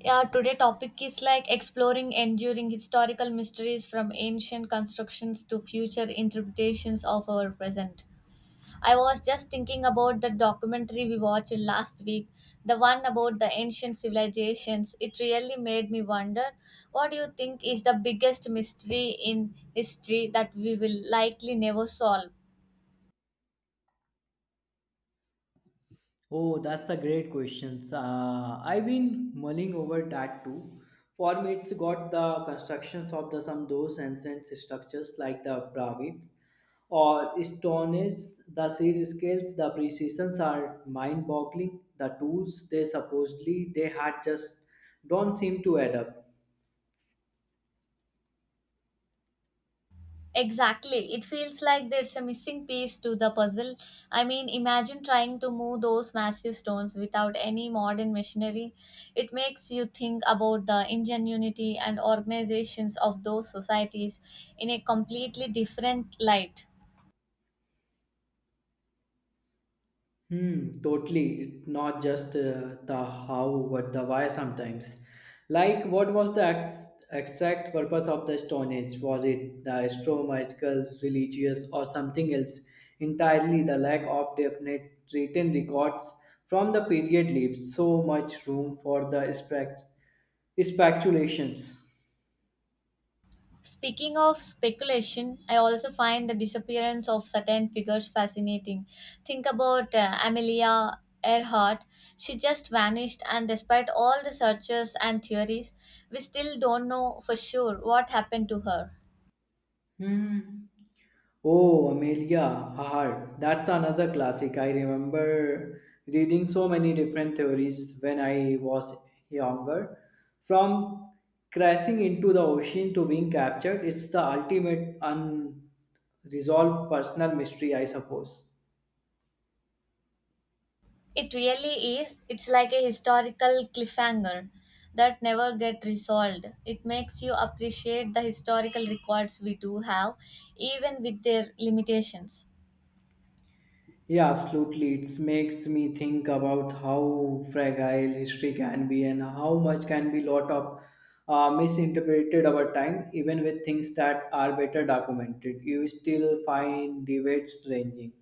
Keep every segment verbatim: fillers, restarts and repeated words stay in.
Yeah, today topic is like exploring enduring historical mysteries from ancient constructions to future interpretations of our present. I was just thinking about the documentary we watched last week, the one about the ancient civilizations. It really made me wonder, what do you think is the biggest mystery in history that we will likely never solve? Oh, that's a great question. Uh, I've been mulling over that too. For me, it's got the constructions of the some those ancient structures like the pyramid or stones. The size scales, the precisions are mind-boggling. The tools they supposedly they had just don't seem to add up. Exactly. It feels like there's a missing piece to the puzzle. I mean, imagine trying to move those massive stones without any modern machinery. It makes you think about the ingenuity and organizations of those societies in a completely different light. Hmm, totally. It- Not just uh, the how, but the why sometimes. Like, what was the ex- exact purpose of the Stone Age? Was it the astronomical, religious, or something else? Entirely the lack of definite written records from the period leaves so much room for the spec- speculations. Speaking of speculation, I also find the disappearance of certain figures fascinating. Think about uh, Amelia Earhart. She just vanished, and despite all the searches and theories, we still don't know for sure what happened to her. Hmm. Oh, Amelia Hart. That's another classic. I remember reading so many different theories when I was younger. From crashing into the ocean to being captured, it's the ultimate unresolved personal mystery, I suppose. It really is. It's like a historical cliffhanger that never get resolved. It makes you appreciate the historical records we do have, even with their limitations. Yeah, absolutely. It makes me think about how fragile history can be and how much can be lot of uh, misinterpreted over time, even with things that are better documented. You still find debates ranging.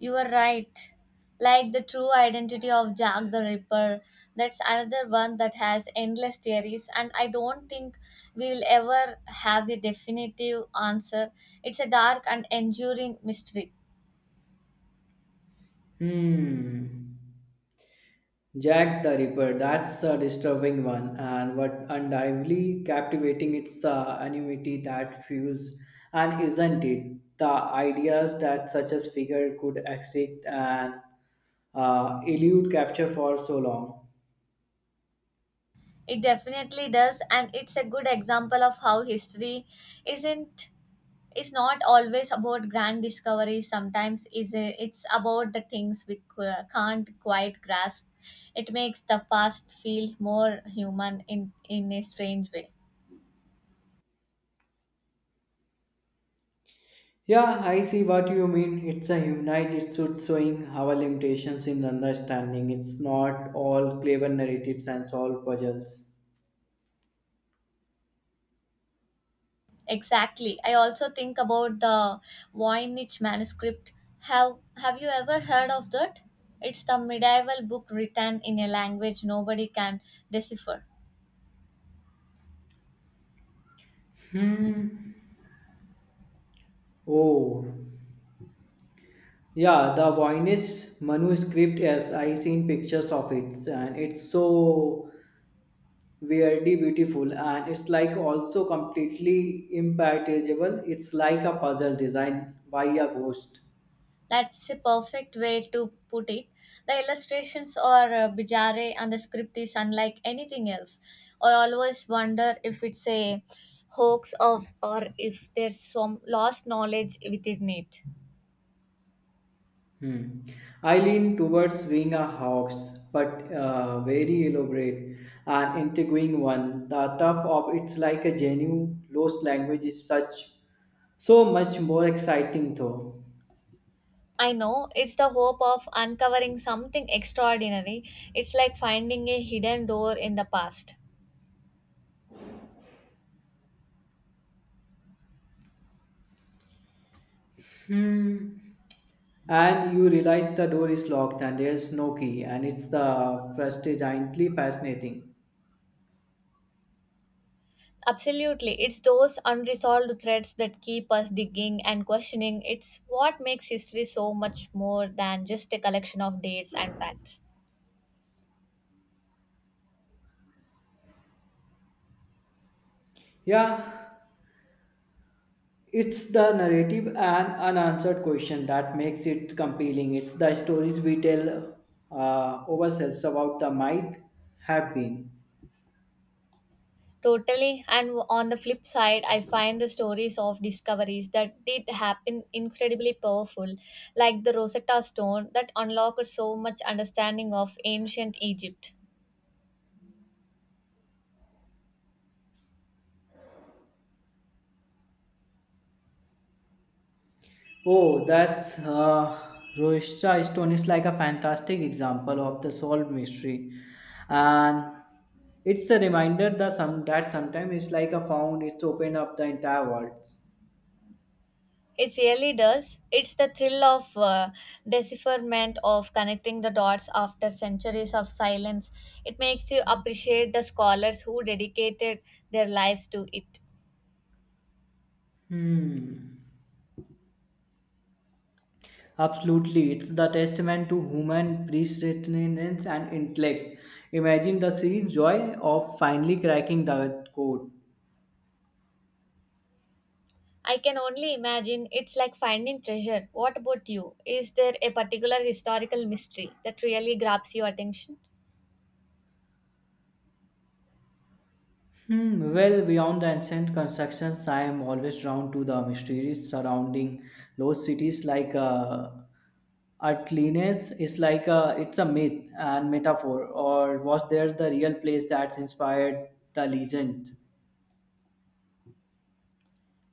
You are right. Like the true identity of Jack the Ripper, that's another one that has endless theories, and I don't think we will ever have a definitive answer. It's a dark and enduring mystery. Hmm. Jack the Ripper, that's a disturbing one, and what undoubtedly captivating it's the anonymity that fuels, and isn't it? The ideas that such a figure could exist and uh, elude capture for so long. It definitely does, and it's a good example of how history isn't is not always about grand discoveries. Sometimes is a- it's about the things we c- can't quite grasp. It makes the past feel more human in in a strange way. Yeah, I see what you mean. It's a humanized, it's should showing our limitations in understanding. It's not all clever narratives and solved puzzles. Exactly. I also think about the Voynich manuscript. Have Have you ever heard of that? It's the medieval book written in a language nobody can decipher. Hmm. Oh, yeah, the Voynich manuscript, yes, I seen pictures of it and it's so weirdly beautiful and it's like also completely impenetrable. It's like a puzzle designed by a ghost. That's a perfect way to put it. The illustrations are uh, bizarre and the script is unlike anything else. I always wonder if it's a hoax of or if there's some lost knowledge within it. Hmm. I lean towards being a hoax, but uh, very elaborate and intriguing one. The tough of it's like a genuine lost language is such so much more exciting though. I know it's the hope of uncovering something extraordinary. It's like finding a hidden door in the past. Hmm. And you realize the door is locked and there's no key, and it's the frustratingly fascinating. Absolutely. It's those unresolved threads that keep us digging and questioning. It's what makes history so much more than just a collection of dates and facts. Yeah, it's the narrative and unanswered question that makes it compelling. It's the stories we tell uh, ourselves about the might have been. Totally. And on the flip side, I find the stories of discoveries that did happen incredibly powerful, like the Rosetta Stone that unlocked so much understanding of ancient Egypt. Oh, that's uh, Roshcha Stone is like a fantastic example of the solved mystery, and it's a reminder that some that sometimes it's like a found. It's opened up the entire world. It really does. It's the thrill of uh, decipherment of connecting the dots after centuries of silence. It makes you appreciate the scholars who dedicated their lives to it. Hmm. Absolutely, it's the testament to human perseverance and intellect. Imagine the sheer joy of finally cracking the code. I can only imagine it's like finding treasure. What about you? Is there a particular historical mystery that really grabs your attention? Hmm. Well, beyond the ancient constructions, I am always drawn to the mysteries surrounding those cities like uh, Atlantis is like a it's a myth and metaphor, or was there the real place that inspired the legend?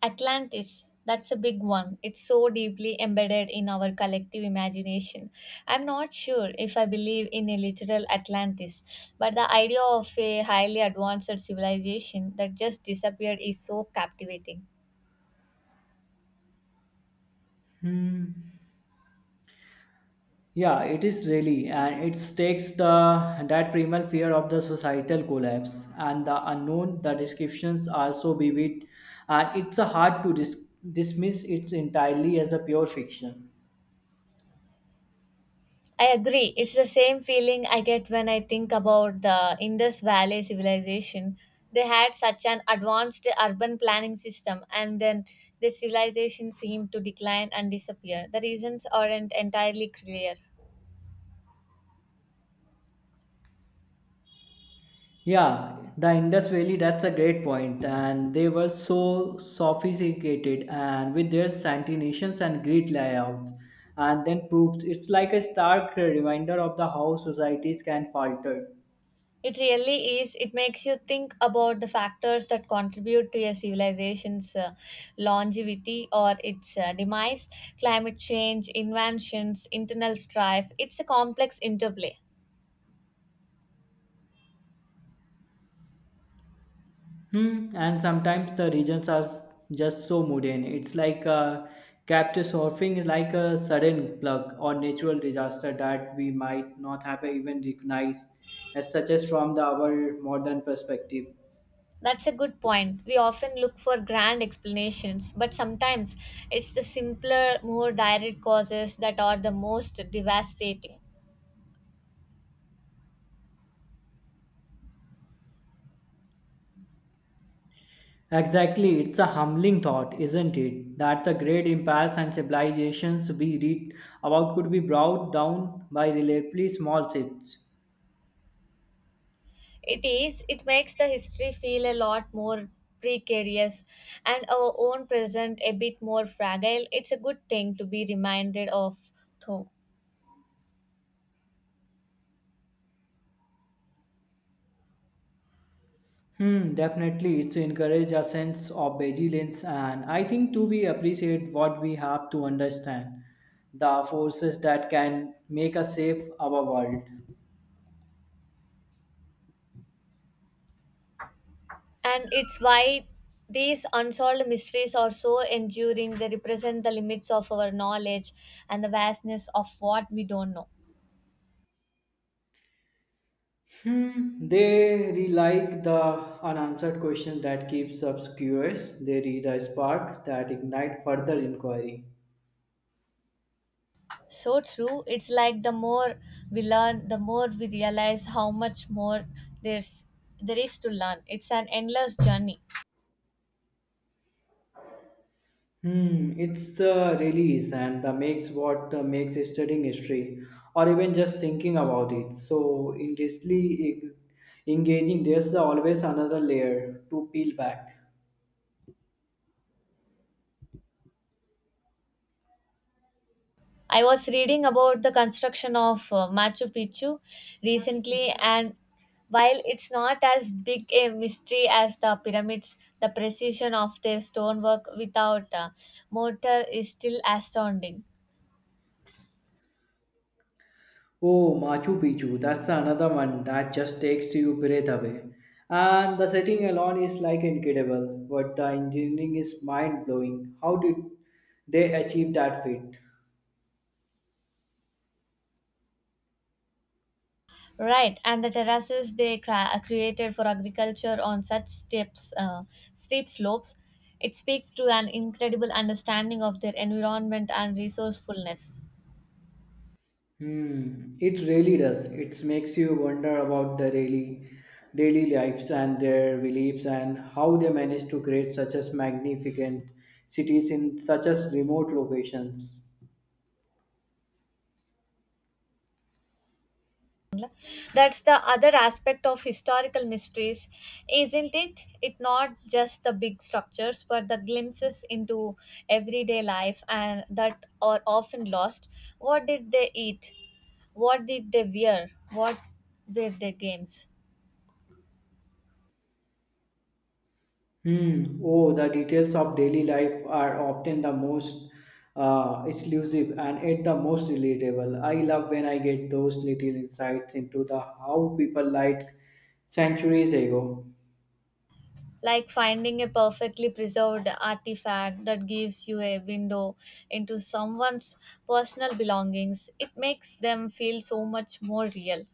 Atlantis, that's a big one. It's so deeply embedded in our collective imagination. I'm not sure if I believe in a literal Atlantis, but the idea of a highly advanced civilization that just disappeared is so captivating. Hmm. Yeah, it is really, and it takes the that primal fear of the societal collapse and the unknown. The descriptions are so vivid, and it's a hard to dis- dismiss it entirely as a pure fiction. I agree. It's the same feeling I get when I think about the Indus Valley civilization. They had such an advanced urban planning system, and then the civilization seemed to decline and disappear. The reasons aren't entirely clear. Yeah, the Indus Valley, that's a great point, point. And they were so sophisticated and with their santination and grid layouts, and then proofs. It's like a stark reminder of the how societies can falter. It really is. It makes you think about the factors that contribute to a civilization's uh, longevity or its uh, demise, climate change, inventions, internal strife. It's a complex interplay. Hmm. And sometimes the regions are s- just so mundane. It's like uh, captive surfing is like a sudden plug or natural disaster that we might not have even recognized as such as from the our modern perspective. That's a good point. We often look for grand explanations, but sometimes it's the simpler, more direct causes that are the most devastating. Exactly, it's a humbling thought, isn't it? That the great empires and civilizations we read about could be brought down by relatively small ships. It is. It makes the history feel a lot more precarious and our own present a bit more fragile. It's a good thing to be reminded of, though. Hmm, definitely, it's encourage a sense of vigilance, and I think to be appreciate what we have to understand the forces that can make us safe our world. And it's why these unsolved mysteries are so enduring. They represent the limits of our knowledge and the vastness of what we don't know. Hmm, they re- like the unanswered question that keeps us curious. They read a spark that ignite further inquiry. So true. It's like the more we learn, the more we realize how much more there's there is to learn. It's an endless journey. Hmm, it's the release and the makes what uh, makes studying history or even just thinking about it so intensely eng- engaging. There's always another layer to peel back. I was reading about the construction of uh, Machu Picchu recently, and while it's not as big a mystery as the pyramids, the precision of their stonework without uh, mortar is still astounding. Oh, Machu Picchu, that's another one that just takes you breath away. And the setting alone is like incredible, but the engineering is mind blowing. How did they achieve that feat? Right, and the terraces they cra- uh, created for agriculture on such steps, uh, steep slopes. It speaks to an incredible understanding of their environment and resourcefulness. Hmm, it really does. It makes you wonder about the daily, daily lives and their beliefs and how they manage to create such as magnificent cities in such as remote locations. That's the other aspect of historical mysteries, isn't it? It not just the big structures, but the glimpses into everyday life and that are often lost. What did they eat? What did they wear? What were their games? Hmm. Oh, the details of daily life are often the most uh, exclusive and at the most relatable. I love when I get those little insights into the how people lived centuries ago. Like finding a perfectly preserved artifact that gives you a window into someone's personal belongings, it makes them feel so much more real.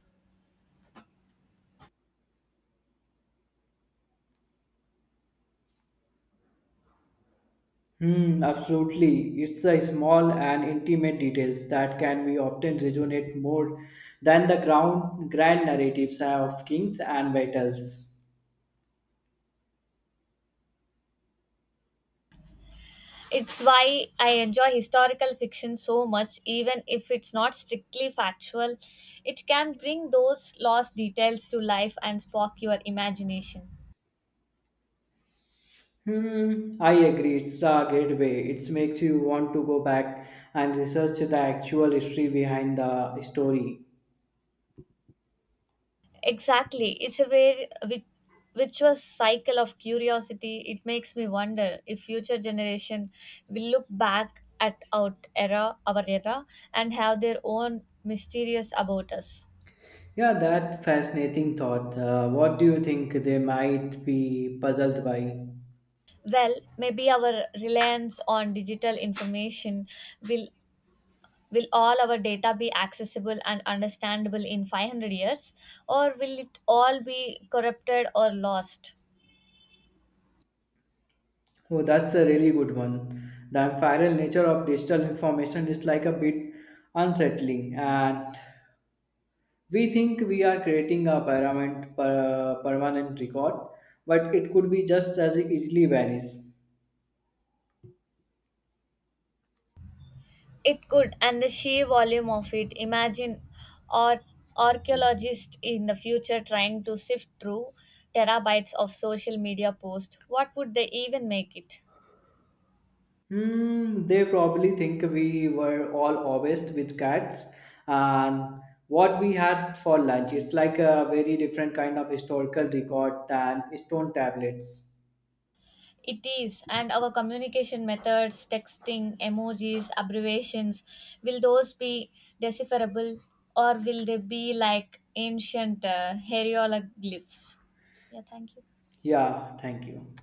Hmm, absolutely. It's the small and intimate details that can be often resonate more than the ground, grand narratives of kings and battles. It's why I enjoy historical fiction so much, even if it's not strictly factual. It can bring those lost details to life and spark your imagination. Hmm, I agree. It's the gateway. It makes you want to go back and research the actual history behind the story. Exactly. It's a very vi- virtuous cycle of curiosity. It makes me wonder if future generation will look back at our era, our era and have their own mysterious about us. Yeah, that fascinating thought. Uh, what do you think they might be puzzled by? Well, maybe our reliance on digital information will will all our data be accessible and understandable in five hundred years, or will it all be corrupted or lost? Oh, that's a really good one. The viral nature of digital information is like a bit unsettling, and we think we are creating a permanent, per, permanent record, but it could be just as easily vanish. It could, and the sheer volume of it. Imagine or Archaeologists in the future trying to sift through terabytes of social media posts. What would they even make it? Hmm, they probably think we were all obsessed with cats and what we had for lunch. It's like a very different kind of historical record than stone tablets. It is, and our communication methods, texting, emojis, abbreviations, will those be decipherable, or will they be like ancient uh, hieroglyphs? Yeah, thank you. Yeah, thank you.